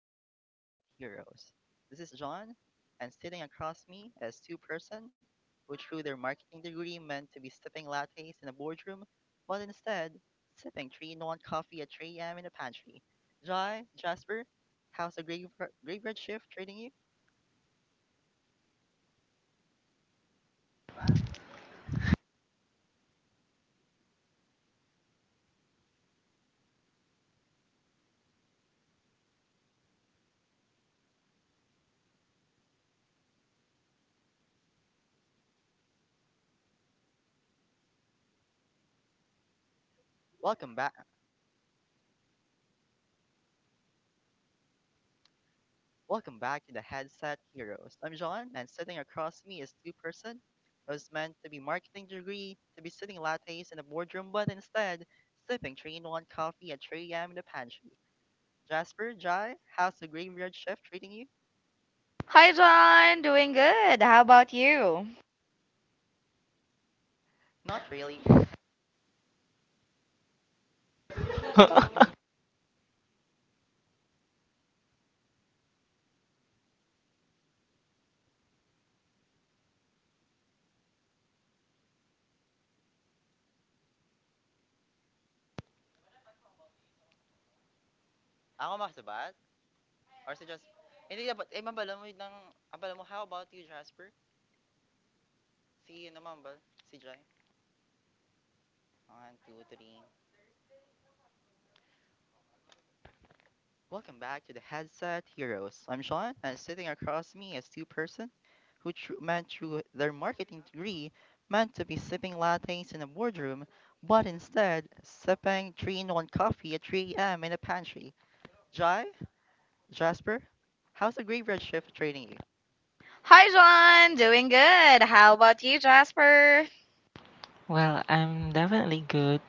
back to the Headset Heroes. This is John, and sitting across me is two-person who through their marketing degree meant to be sipping lattes in a boardroom, but instead sipping three non coffee at 3 a.m. in a pantry. Jai, Jasper, how's the graveyard shift treating you? Welcome back. Welcome back to the Headset Heroes. I'm John, and sitting across me is two-person who's meant to be marketing degree, to be sitting lattes in a boardroom, but instead sipping three in one coffee at 3 a.m. in the pantry. Jasper, Jai, how's the graveyard shift treating you? Hi, John. Doing good. How about you? Not really. Ako makasabat? Or si Jasper? Hindi dapat, eh, mambala mo ng, ambala mo, how about you, Jasper? Si, ano, mambal? Si Jai? One, two, three. Welcome back to the Headset Heroes. I'm Sean, and sitting across me is two persons who meant through their marketing degree meant to be sipping lattes in a boardroom, but instead sipping 3-in-1 coffee at 3 a.m. in a pantry. Jai, Jasper, how's the graveyard shift training you? Hi, John. Doing good. How about you, Jasper? Well, I'm definitely good.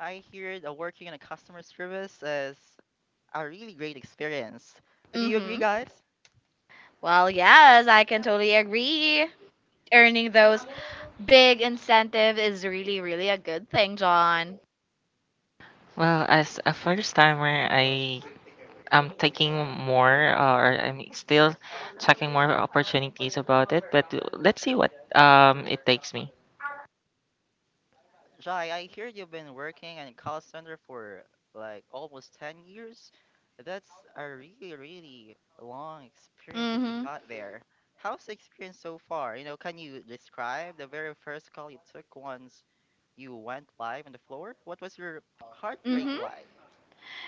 I hear that working in a customer service is a really great experience. Do you agree, Mm-hmm. guys? Well, yes, I can totally agree. Earning those big incentives is really, really a good thing, John. Well, as a first timer, I am taking more or I'm still checking more opportunities about it, but let's see what it takes me. Jai, I hear you've been working in call center for like almost 10 years. That's a really, really long experience that you Mm-hmm. got there. How's the experience so far? You know, can you describe the very first call you took once you went live on the floor? What was your heart rate Mm-hmm. like?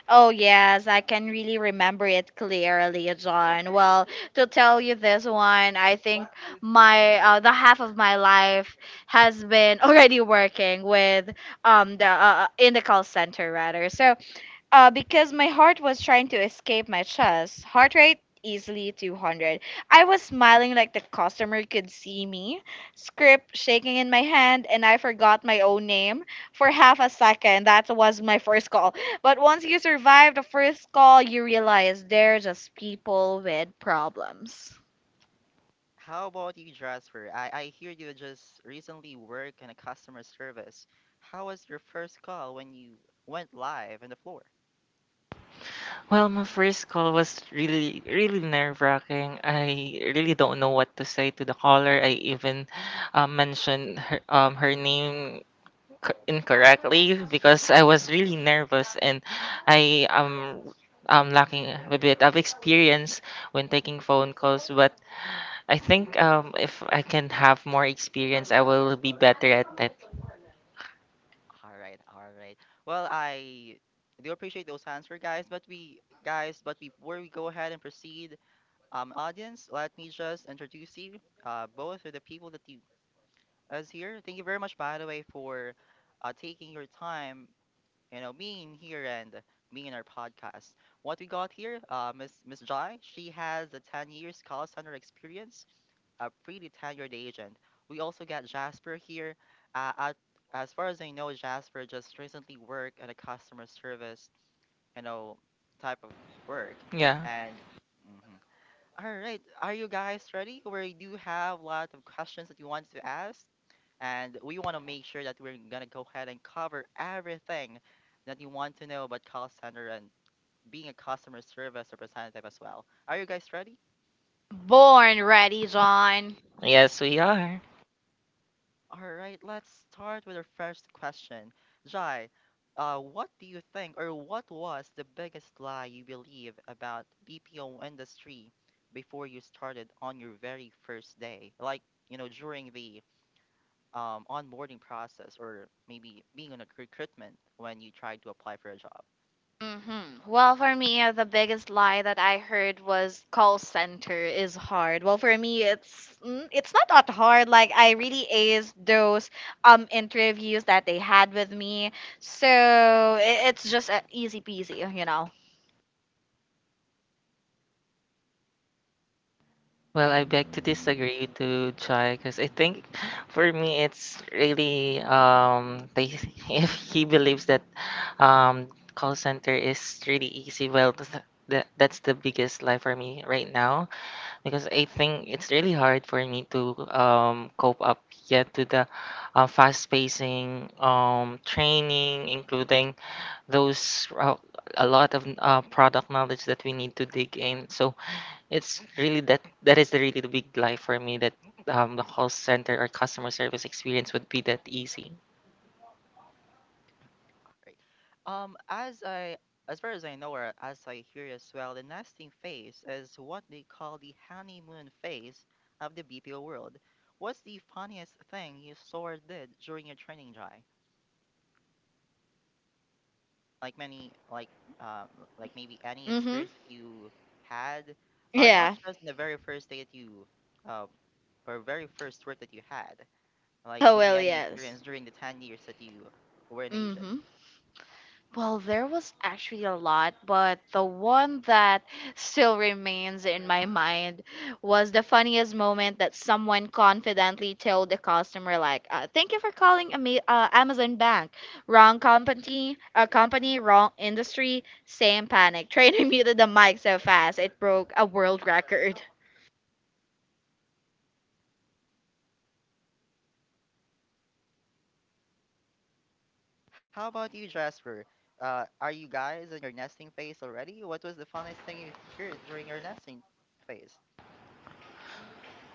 Oh, yes, I can really remember it clearly, John. Well, to tell you this one, I think my the half of my life has been already working with the in the call center rather. So because my heart was trying to escape my chest. Heart rate easily 200. I was smiling like the customer could see me, script shaking in my hand, and I forgot my own name for half a second. That was my first call. But once you survive the first call, you realize they're just people with problems. How about you, Jasper? I hear you just recently work in a customer service. How was your first call when you went live on the floor? Well, my first call was really really nerve-wracking. I really don't know what to say to the caller. I even mentioned her, her name incorrectly because I was really nervous and I am lacking a bit of experience when taking phone calls. But I think if I can have more experience, I will be better at it. All right, all right. Well, I do appreciate those answers, guys. But we, guys, but before we go ahead and proceed, audience, let me just introduce you, both of the people that you us here. Thank you very much, by the way, for taking your time, you know, me in here and me in our podcast. What we got here, Miss Jai, she has a 10 years call center experience, a pretty tenured agent. We also got Jasper here. Uh, at, as far as I know, Jasper just recently worked at a customer service, you know, type of work, Yeah. and mhm. All right. Are you guys ready? We do have a lot of questions that you want to ask, and we want to make sure that we're gonna go ahead and cover everything that you want to know about call center and being a customer service representative as well. Are you guys ready? Born ready, John. Yes, we are. All right. Let's start with our first question. Jai, what do you think, or what was the biggest lie you believe about BPO industry before you started on your very first day? Like, you know, during the onboarding process or maybe being on a recruitment when you try to apply for a job, Mhm. Well, for me, the biggest lie that I heard was call center is hard. Well, for me, it's not that hard. Like I really aced those interviews that they had with me, so it's just easy peasy, you know. Well, I beg to disagree to Chai because I think for me it's really if he believes that um call center is really easy, well, that's the biggest lie for me right now because I think it's really hard for me to cope up yet to the fast pacing training, including those a lot of product knowledge that we need to dig in. So it's really that that is really the big lie for me that the call center or customer service experience would be that easy. right? As I as far as I know or as I hear as well, the nesting phase is what they call the honeymoon phase of the BPO world. What's the funniest thing you saw or did during your training dry? Like many, like, um, like maybe any Mhm. experience that you had, not Yeah. just in the very first day that you, um, or very first work that you had, like Oh maybe well, any yes. experience during the 10 years that you were an agent. Mhm. Well, there was actually a lot, but the one that still remains in my mind was the funniest moment that someone confidently told the customer, like, "Thank you for calling Amazon Bank. Wrong company, wrong industry, same panic." Trainer muted the mic so fast it broke a world record. How about you, Jasper? Are you guys in your nesting phase already? What was the funniest thing you heard during your nesting phase?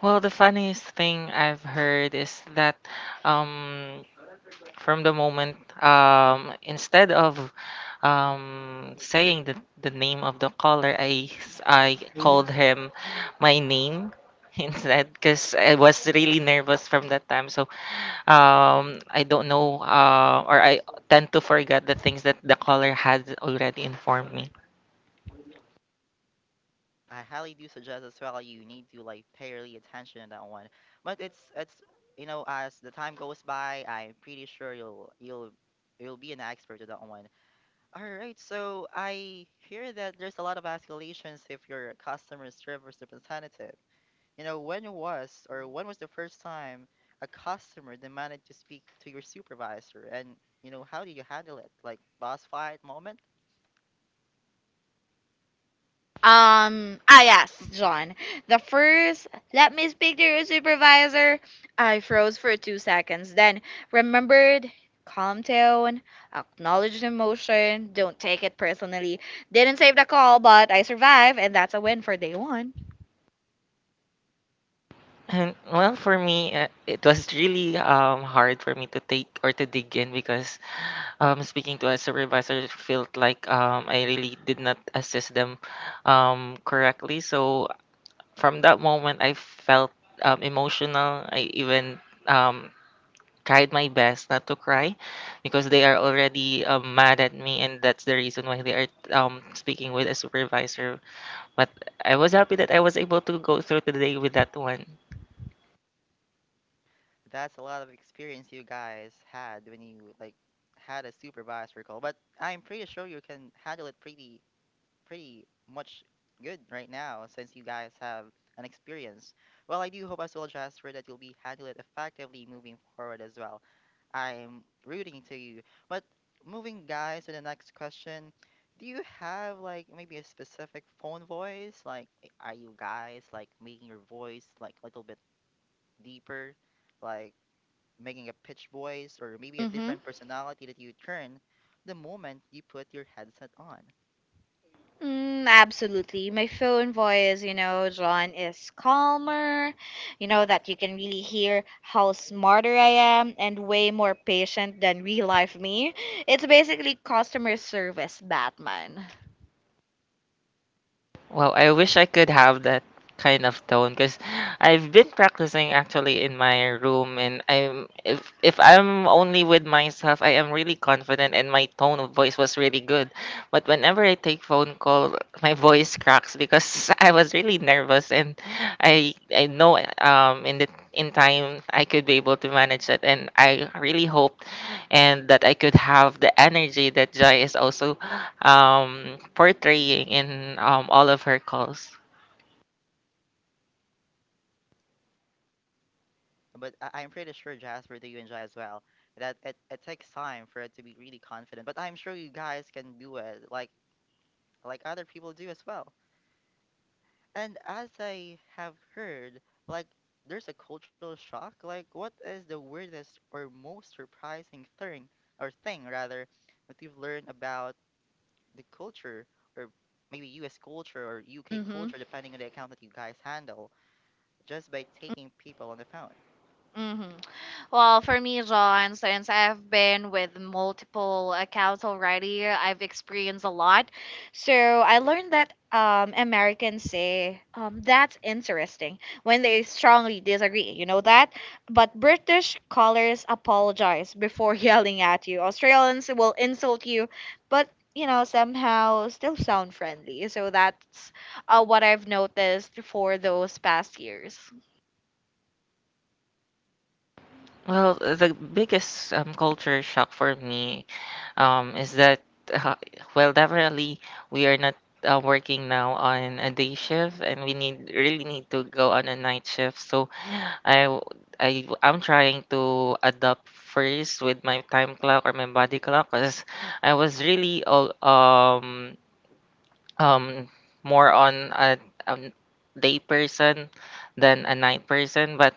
Well, the funniest thing I've heard is that um, from the moment, instead of saying the name of the caller, I called him my name instead because I was really nervous from that time, so I don't know, or I tend to forget the things that the caller had already informed me. I highly do suggest as well you need to like pay really attention to that one. But it's you know as the time goes by, I'm pretty sure you'll be an expert at that one. All right, so I hear that there's a lot of escalations if you're a customer service representative. You know, when was or when was the first time a customer demanded to speak to your supervisor and, you know, how do you handle it? Like boss fight moment? Yes, John. The first, let me speak to your supervisor. I froze for 2 seconds, then remembered, calm down, acknowledge the emotion, don't take it personally. Didn't save the call, but I survived, and that's a win for day one. And well, for me, it was really hard for me to take or to dig in because, speaking to a supervisor, felt like I really did not assist them correctly. So from that moment, I felt emotional. I even um, tried my best not to cry because they are already mad at me, and that's the reason why they are speaking with a supervisor. But I was happy that I was able to go through the day with that one. That's a lot of experience you guys had when you like had a supervisor call. But I'm pretty sure you can handle it pretty pretty much good right now since you guys have an experience. Well, I do hope as well, Jasper, that you'll be handle it effectively moving forward as well. I'm rooting to you. But moving guys to the next question, do you have like maybe a specific phone voice? Like are you guys like making your voice like a little bit deeper, like making a pitch voice or maybe a Mm hmm. different personality that you turn the moment you put your headset on? Absolutely. My phone voice, you know, John, is calmer. You know, that you can really hear how smarter I am and way more patient than real life me. It's basically customer service Batman. Well, I wish I could have that kind of tone because I've been practicing actually in my room, and I'm if I'm only with myself, I am really confident, and my tone of voice was really good. But whenever I take phone call, my voice cracks because I was really nervous, and I know in time I could be able to manage it, and I really hoped and that I could have the energy that Jai is also portraying in all of her calls. But I'm pretty sure Jasper, do you enjoy as well? That it takes time for it to be really confident. But I'm sure you guys can do it like other people do as well. And as I have heard, like there's a cultural shock. Like what is the weirdest or most surprising thing or thing rather that you've learned about the culture or maybe US culture or UK Mm hmm. culture depending on the account that you guys handle just by taking people on the phone? Mm hmm. Well, for me, John, since I've been with multiple accounts already, I've experienced a lot. So I learned that Americans say, that's interesting, when they strongly disagree, you know that? But British callers apologize before yelling at you. Australians will insult you, but, you know, somehow still sound friendly. So that's what I've noticed for those past years. Well, the biggest culture shock for me, is that, uh, well, definitely we are not working now on a day shift, and we need really need to go on a night shift. So I w- I am trying to adapt first with my time clock or my body clock because I was really all um more on a day person than a night person, but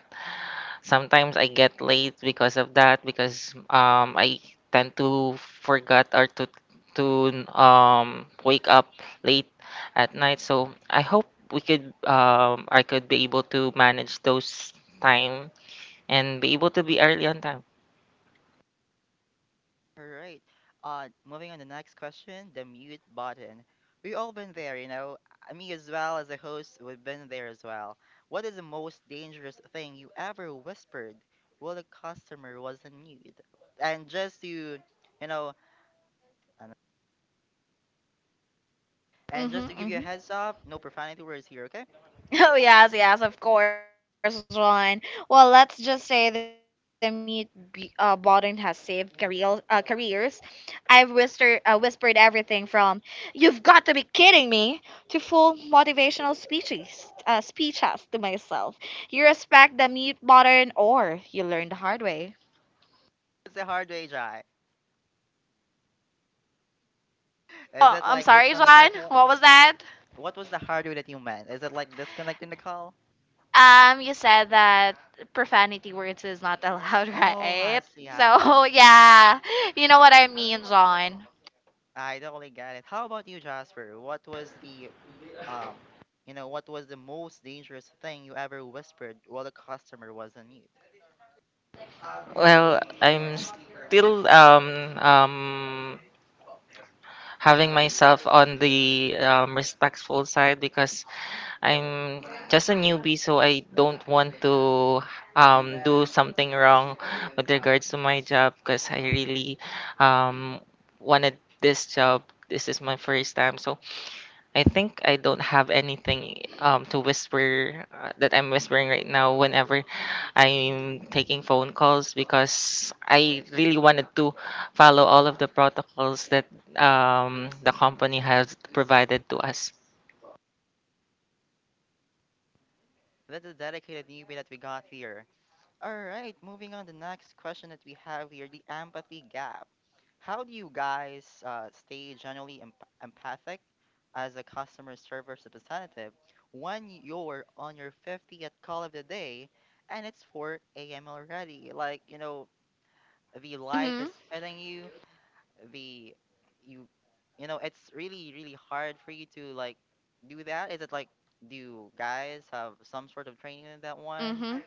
sometimes I get late because of that because I tend to forget or to wake up late at night, so I hope we could I could be able to manage those time and be able to be early on time. All right. Moving on to the next question, the mute button. We've all been there, you know. Me as well as a host, we've been there as well. What is the most dangerous thing you ever whispered while the customer was on mute? And just to, you know, and Mm-hmm, just to give you a mm-hmm. heads up, no profanity words here, okay? Oh yes, yes, of course, Ron. Well, let's just say the mute button has saved careers. I've whispered everything from "You've got to be kidding me" to full motivational speeches to myself. You respect the mute button, or you learn the hard way. It's a hard way, Jai. Is Oh, it I'm like sorry, disconnecting the Ron. call? What was that? What was the hard way that you meant? Is it like disconnecting the call? You said that profanity words is not allowed, Oh, I right? see, I So see. yeah, you know what I mean, John. I totally get it. How about you, Jasper? What was the um, you know, what was the most dangerous thing you ever whispered while the customer was on mute? Well, I'm still having myself on the respectful side because I'm just a newbie, so I don't want to do something wrong with regards to my job because I really um, wanted this job. This is my first time, so I think I don't have anything to whisper that I'm whispering right now. Whenever I'm taking phone calls because I really wanted to follow all of the protocols that the company has provided to us. That's a dedicated newbie that we got here. All right, moving on to the next question that we have here, the empathy gap. How do you guys stay generally empathic as a customer service representative when you're on your 50th call of the day and it's 4 a.m. already? Like, you know, the light is Mhm. hitting you, the you, you know it's really really hard for you to like do that. Is it like, do you guys have some sort of training in that one? Mhm.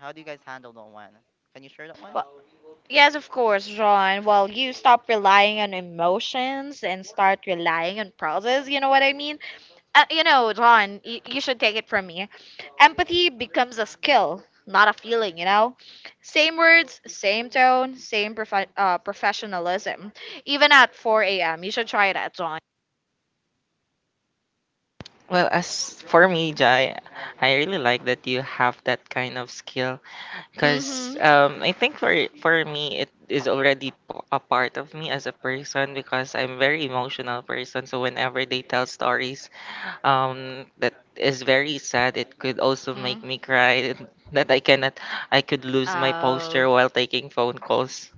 How do you guys handle that one? Can you share that one? Well, yes, of course, John. Well, you stop relying on emotions and start relying on process. You know what I mean? You know, John, you should take it from me. Empathy becomes a skill, not a feeling, you know? Same words, same tone, same professionalism. Even at 4 a.m., you should try that, John. Well, as for me, Jai, I really like that you have that kind of skill because, Mhm. I think for me it is already a part of me as a person because I'm very emotional person. So whenever they tell stories, that is very sad, it could also make Mhm. me cry that I cannot, I could lose my posture Oh. while taking phone calls.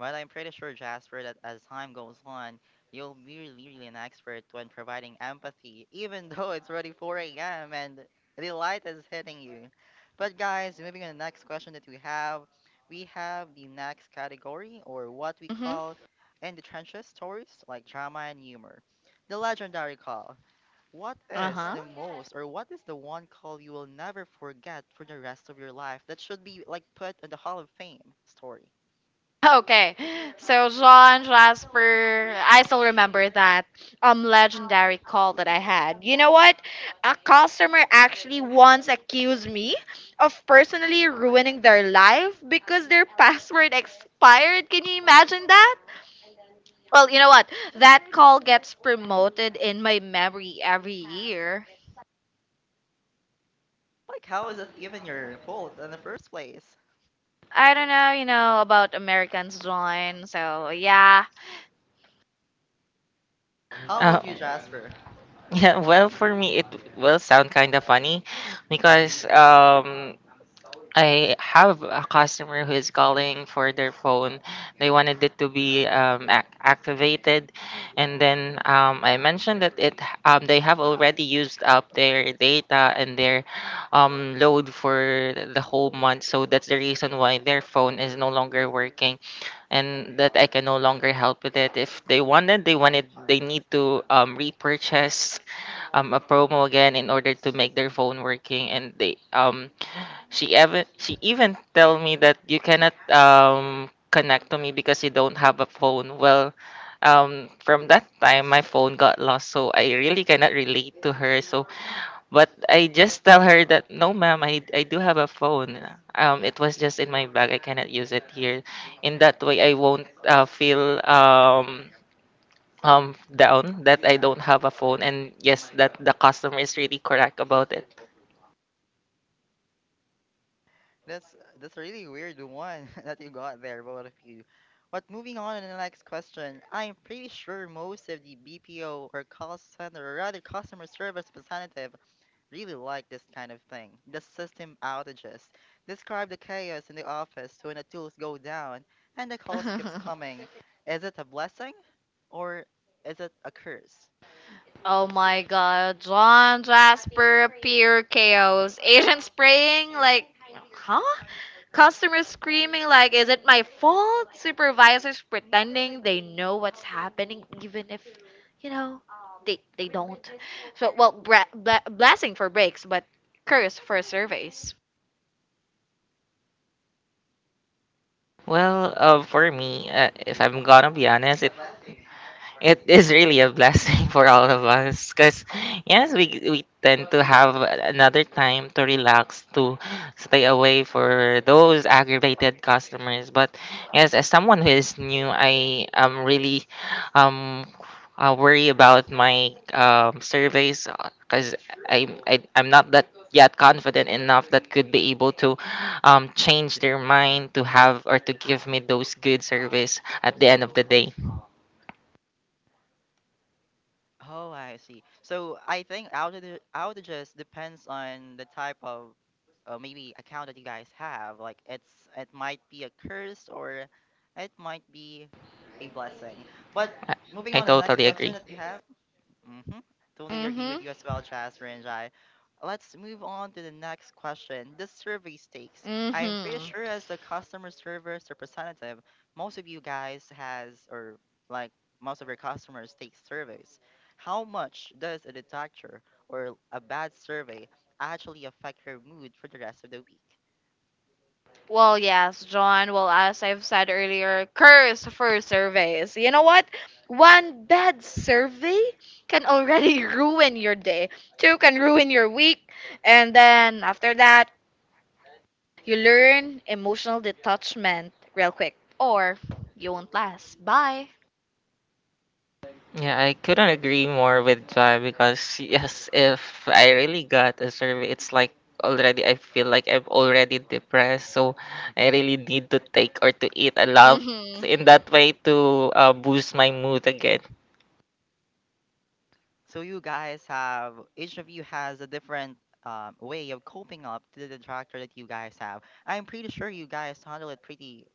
Well, I'm pretty sure, Jasper, that as time goes on, you'll be really, really an expert when providing empathy, even though it's already 4 a.m. and the light is hitting you. But, guys, moving on to the next question that we have the next category, or what we Mhm. call in the trenches stories like drama and humor. The legendary call. What is Uh-huh. the most, or what is the one call you will never forget for the rest of your life that should be like put in the Hall of Fame story? Okay. So Jean Jasper, I still remember that legendary call that I had. You know what? A customer actually once accused me of personally ruining their life because their password expired. Can you imagine that? Well, you know what? That call gets promoted in my memory every year. Like, how is it even your fault in the first place? I don't know, you know, about Americans John. So yeah. How uh, about you, Jasper? yeah. Well, for me, it will sound kind of funny because I have a customer who is calling for their phone. They wanted it to be, activated, and then, I mentioned that it they have already used up their data and their load for the whole month. So that's the reason why their phone is no longer working, and that I can no longer help with it. If they need to repurchase a promo again in order to make their phone working, and they she even tell me that you cannot connect to me because you don't have a phone. Well, from that time my phone got lost, so I really cannot relate to her. So, but I just tell her that no, ma'am, I do have a phone. It was just in my bag. I cannot use it here. In that way, I won't feel down that I don't have a phone. And yes, that the customer is really correct about it. That's a really weird one that you got there, both of you. But moving on to the next question, I'm pretty sure most of the BPO or call center, or rather customer service representative, really like this kind of thing. The system outages. Describe the chaos in the office when the tools go down and the calls keeps coming. Is it a blessing or is it a curse? Oh my god, John Jasper, pure chaos. Agent spraying like, huh? Customers screaming like, is it my fault? Supervisors pretending they know what's happening even if, you know, they don't. So, well, bra- bla blessing for breaks, but curse for surveys. Well, for me, if I'm gonna be honest, it is really a blessing for all of us because, yes, we tend to have another time to relax, to stay away for those aggravated customers. But, yes, as someone who is new, I am really um, worry about my surveys because I'm not that yet confident enough that could be able to change their mind to have or to give me those good surveys at the end of the day. Oh, I see. So I think outages depends on the type of, maybe account that you guys have. Like it's it might be a curse or it might be a blessing. But I, moving I on to the next totally question agree. that we have. Mm-hmm. Totally agree with Mm-hmm. you as well, Jasmine and Jai. Let's move on to the next question. The survey stakes. I'm pretty Mm-hmm. sure as the customer service representative, most of you guys has or like most of your customers take surveys. How much does a detractor or a bad survey actually affect your mood for the rest of the week? Well, yes, John. Well, as I've said earlier, curse for surveys. You know what? One bad survey can already ruin your day. Two can ruin your week. And then after that, you learn emotional detachment real quick. Or you won't last. Bye. Yeah, I couldn't agree more with Jai because yes, if I really got a survey, it's like already I feel like I'm already depressed, so I really need to take or to eat a lot Mm-hmm. in that way to boost my mood again. So you guys have each of you has a different, way of coping up to the detractor that you guys have. I'm pretty sure you guys handle it pretty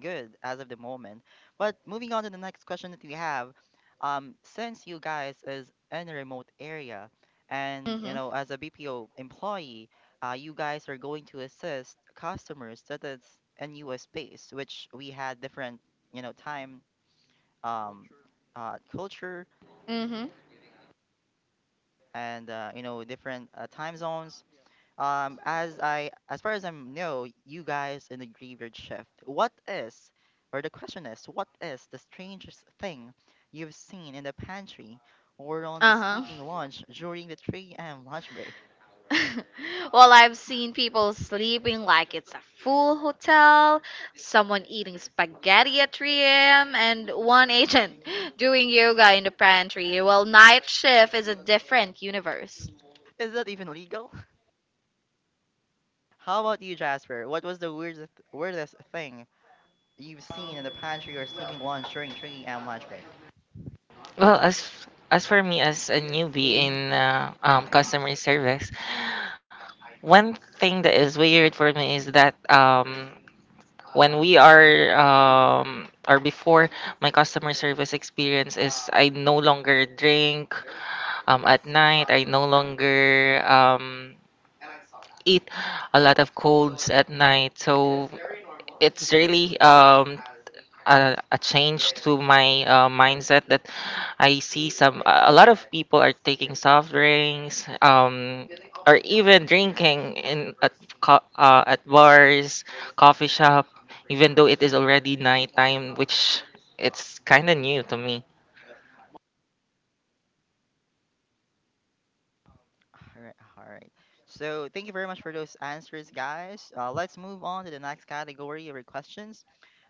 good as of the moment. But moving on to the next question that we have, since you guys is in a remote area, and you know Mm-hmm. as a BPO employee, you guys are going to assist customers that is in U.S. based, which we had different you know time um, culture Mm-hmm. and, you know different time zones. As I as far as I know, you guys in the graveyard shift. What is the strangest thing you've seen in the pantry or on the Uh-huh. sleeping lounge during the 3 a.m. lunch break? Well, I've seen people sleeping like it's a full hotel, someone eating spaghetti at 3 a.m., and one agent doing yoga in the pantry. Well, night shift is a different universe. Is that even legal? How about you, Jasper? What was the weirdest thing you've seen in the pantry or sleeping lounge during 3 a.m. lunch break? Well, as for me as a newbie in customer service, one thing that is weird for me is that when we are or before my customer service experience is I no longer drink at night. I no longer eat a lot of colds at night. So it's really a change to my mindset that I see some a lot of people are taking soft drinks, or even drinking at bars, coffee shop, even though it is already nighttime, which it's kind of new to me. All right, all right. So thank you very much for those answers, guys. Let's move on to the next category of questions.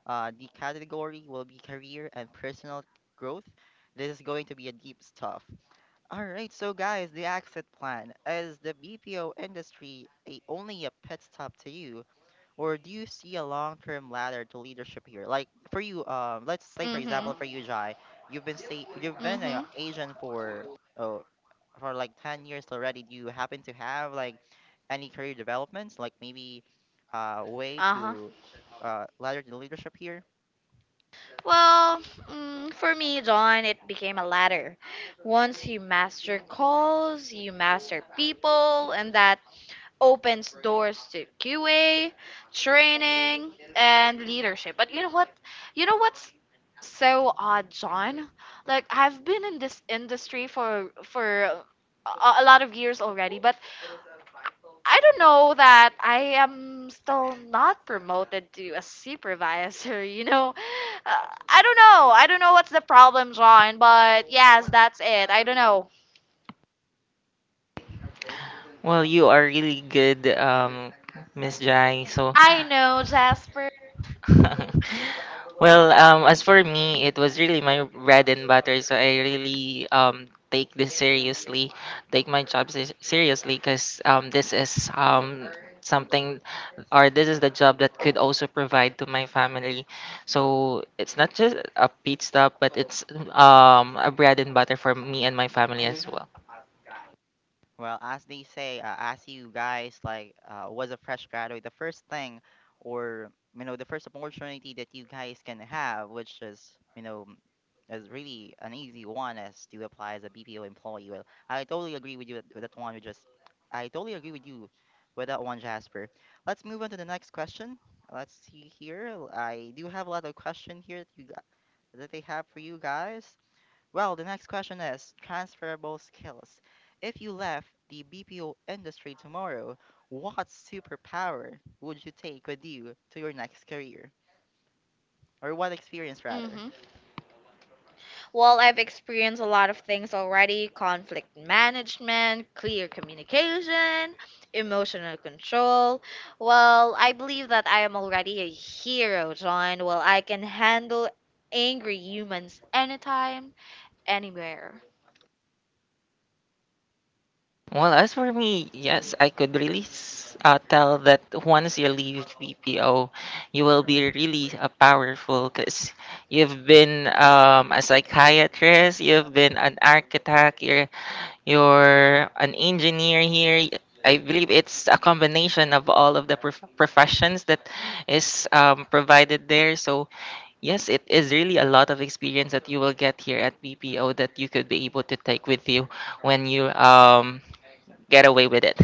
The category will be career and personal growth. This is going to be a deep stuff. All right, so guys, the exit plan is the BPO industry a, only a pit stop to you, or do you see a long-term ladder to leadership here? Like for you, let's say for example Mhm. for you, Jai, you've been an Mhm. agent for uh, for like 10 years already. Do you happen to have like any career developments, like maybe way Uh-huh. to ladder the leadership here? Well, for me, John, it became a ladder. Once you master calls, you master people, and that opens doors to QA, training, and leadership. But you know what? You know what's so odd, John? Like I've been in this industry for a lot of years already, but I don't know that I am still not promoted to a supervisor. You know, I don't know. I don't know what's the problem, John. But yes, that's it. I don't know. Well, you are really good, Miss Jai. So I know, Jasper. well, as for me, it was really my bread and butter, so I really take this seriously, take my job seriously, because this is something, or this is the job that could also provide to my family, so it's not just a pit stop, but it's a bread and butter for me and my family as well. Well, as they say, as you guys was a fresh graduate, or the first opportunity that you guys can have, which is is really an easy one, is to apply as a BPO employee. Well, I totally agree with you with that one. You just, I totally agree with you with that one, Jasper. Let's move on to the next question. Let's see here. I do have a lot of question here that they have for you guys. Well, the next question is transferable skills. If you left the BPO industry tomorrow, what superpower would you take with you to your next career? Or what experience, rather? Hmm. Well, I've experienced a lot of things already: conflict management, clear communication, emotional control. Well, I believe that I am already a hero, John. Well, I can handle angry humans anytime, anywhere. Well, as for me, yes, I could really tell that once you leave BPO, you will be really powerful because you've been a psychiatrist, you've been an architect, you're an engineer here. I believe it's a combination of all of the professions that is provided there. So, yes, it is really a lot of experience that you will get here at BPO that you could be able to take with you when you get away with it.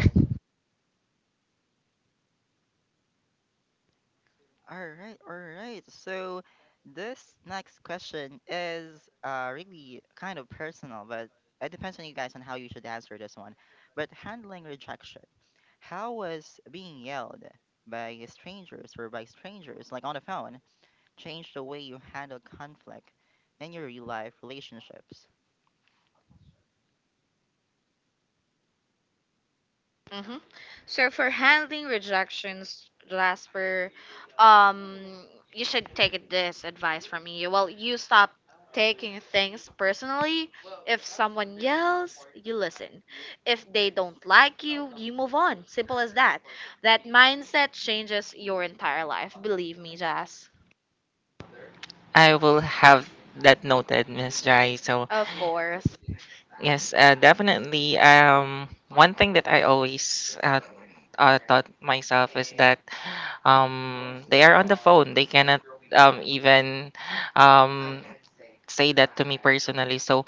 All right, all right. So this next question is really kind of personal, but it depends on you guys on how you should answer this one. But handling rejection. How was being yelled by strangers, like on the phone, change the way you handle conflict in your real life relationships? Mm-hmm. So for handling rejections, Jasper, um, you should take this advice from me. Well, you stop taking things personally. If someone yells, you listen. If they don't like you move on. Simple as that. That mindset changes your entire life. Believe me, Jazz. I will have that noted, Miss Jai. So Of course. yes, definitely. One thing that I always taught myself is that they are on the phone. They cannot, even um, say that to me personally. So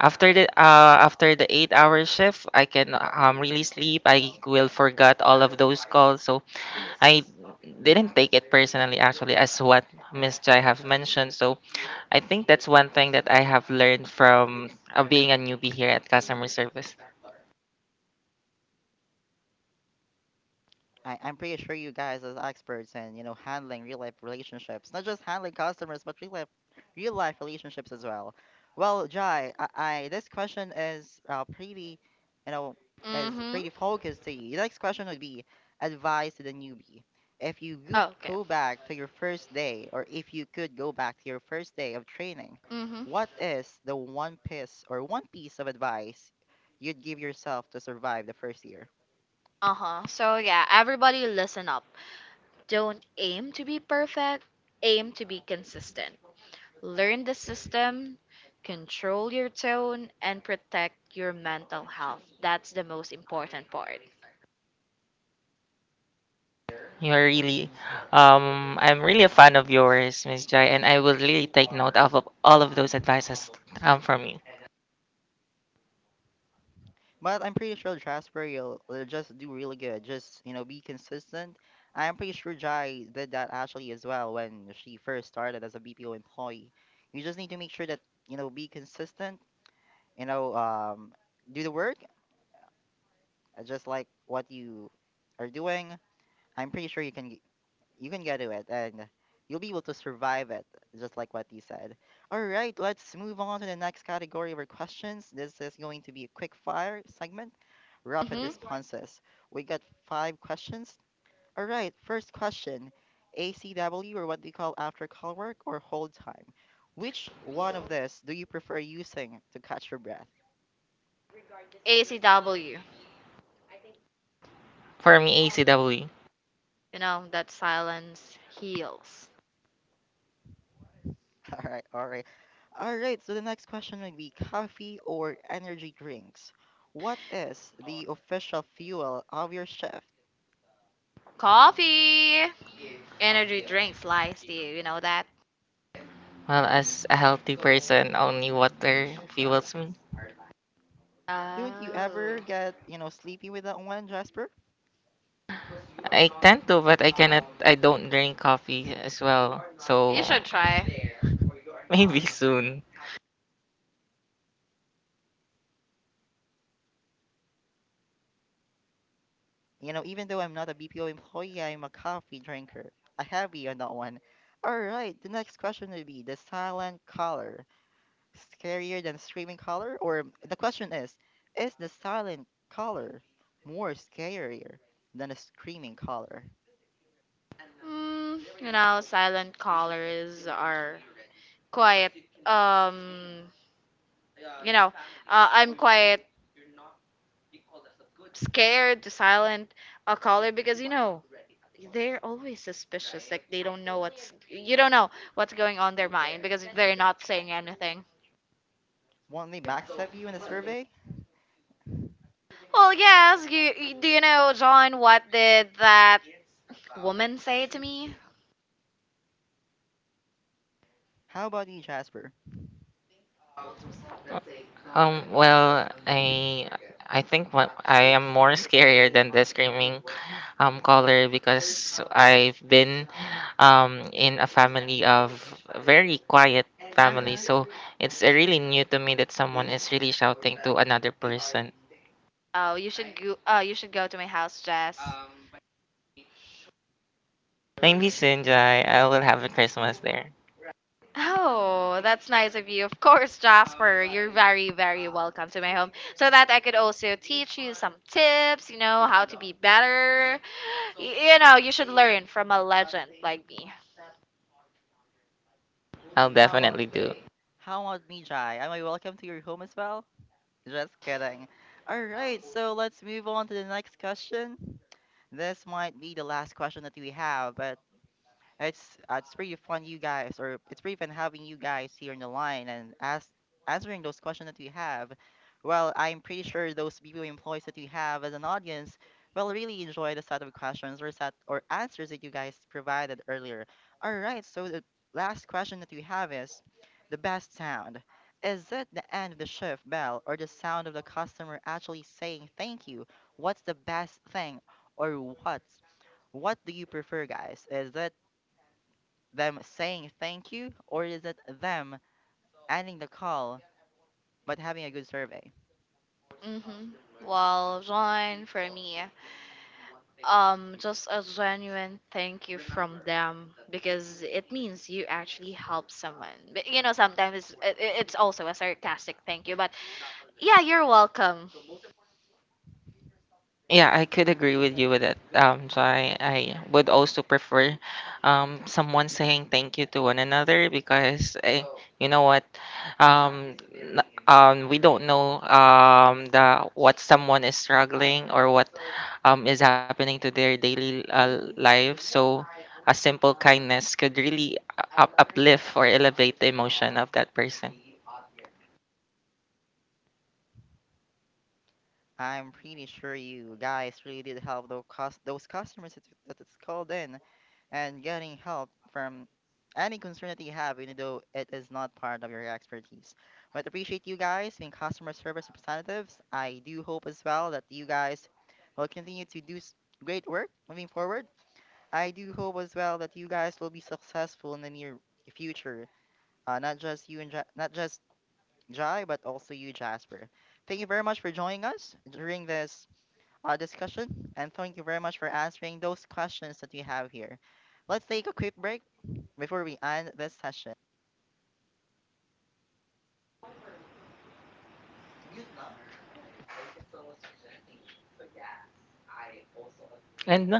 after the 8-hour shift, I can really sleep. I will forget all of those calls. So I didn't take it personally actually as what Miss Jai have mentioned. So I think that's one thing that I have learned from being a newbie here at customer service. I'm pretty sure you guys as experts in, you know, handling real life relationships, not just handling customers, but real life relationships as well. Well, Jai, I this question is pretty, you know, is Mm-hmm. pretty focused to you. The next question would be advice to the newbie. If you could Okay. go back to your first day, or if you could go back to your first day of training, Mm-hmm. what is the one piece of advice you'd give yourself to survive the first year? Uh-huh. So yeah, everybody listen up. Don't aim to be perfect, aim to be consistent. Learn the system, control your tone, and protect your mental health. That's the most important part. You're really, I'm really a fan of yours, Miss Jai, and I will really take note of all of those advices, from you. But I'm pretty sure Jasper will just do really good. Just, you know, be consistent. I'm pretty sure Jai did that actually as well when she first started as a BPO employee. You just need to make sure that, you know, be consistent, you know, um, do the work, just like what you are doing. I'm pretty sure you can get to it, and you'll be able to survive it, just like what you said. All right, let's move on to the next category of our questions. This is going to be a quick fire segment, rapid Hmm. responses. We got five questions. All right, first question, ACW, or what do you call after call work, or hold time? Which one of this do you prefer using to catch your breath? ACW, For me, ACW, you know, that silence heals. All right, all right. All right, so the next question would be coffee or energy drinks. What is the official fuel of your shift? Coffee! Energy drinks lies to you, you know that? well, as a healthy person, only water fuels me. Don't you Oh. ever get, you know, sleepy with that one, Jasper? I tend to, but I cannot, I don't drink coffee as well. You So should try. maybe soon. You know, even though I'm not a BPO employee, I'm a coffee drinker. A heavy on that one. All right, the next question would be the silent color. Scarier than screaming color? Or the question Is the silent color more scarier than a screaming color? Mm, you know, silent callers are quiet. Um, you know, I'm quite scared to silent a caller because you know they're always suspicious. Like they don't know what's you don't know what's going on their mind because they're not saying anything. Want me backstab you in the survey? Well, yes, do you know John? What did that woman say to me? How about you, Jasper? Well, I think what I am more scarier than the screaming caller because I've been in a family of very quiet Uh family, huh. so it's really new to me that someone is really shouting to another person. Oh, you should go. You should go to my house, Jess. Maybe Sinjai, I will have a Christmas there. Oh, that's nice of you. Of course, Jasper, you're very, very welcome to my home so that I could also teach you some tips, you know, how to be better. You know, you should learn from a legend like me. I'll How about definitely do. how about me, Jai? Am I welcome to your home as well? Just kidding. All right, so let's move on to the next question. This might be the last question that we have, but it's it's pretty fun, you guys, or it's pretty fun having you guys here on the line and ask answering those questions that we have. Well, I'm pretty sure those BPO employees that we have as an audience will really enjoy the set or answers that you guys provided earlier. All right, so the last question that we have is the best sound. Is it the end of the shift bell or the sound of the customer actually saying thank you? What's the best thing or what's What do you prefer, guys? Is it them saying thank you, or is it them ending the call but having a good survey? Hmm. Well, John, for me, just a genuine thank you from them because it means you actually help someone. But, you know, sometimes it's also a sarcastic thank you, but yeah, you're welcome. Yeah, I could agree with you with that. So I would also prefer, someone saying thank you to one another because, you know what, um, n- we don't know, the what someone is struggling or what is happening to their daily life. So a simple kindness could really uplift or elevate the emotion of that person. I'm pretty sure you guys really did help those customers that, that it's called in and getting help from any concern that you have, even though it is not part of your expertise. But appreciate you guys being customer service representatives. I do hope as well that you guys will continue to great work moving forward. I do hope as well that you guys will be successful in the near future. Not just you and ja- Not just Jai, but also you, Jasper. Thank you very much for joining us during this discussion, and thank you very much for answering those questions that you have here. Let's take a quick break before we end this session. And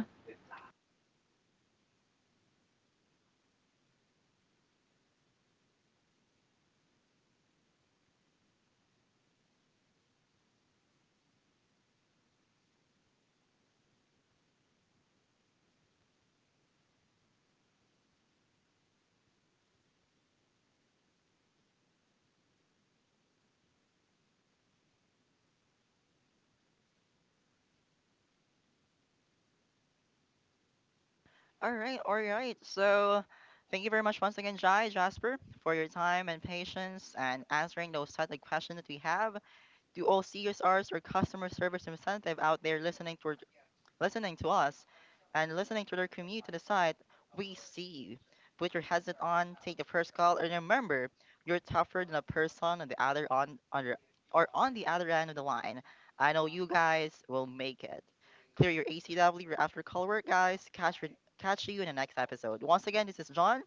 All right, all right. So, thank you very much once again, Jai, Jasper, for your time and patience and answering those set of questions that we have. To all CSRs, or customer service representative out there, listening to us and listening to their commute to the site. We see you. Put your headset on, take the first call, and remember, you're tougher than a person on the other on the- or on the other end of the line. I know you guys will make it. Clear your ACW, after call work, guys. Catch you in the next episode. Once again, this is John,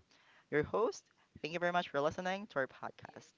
your host. Thank you very much for listening to our podcast.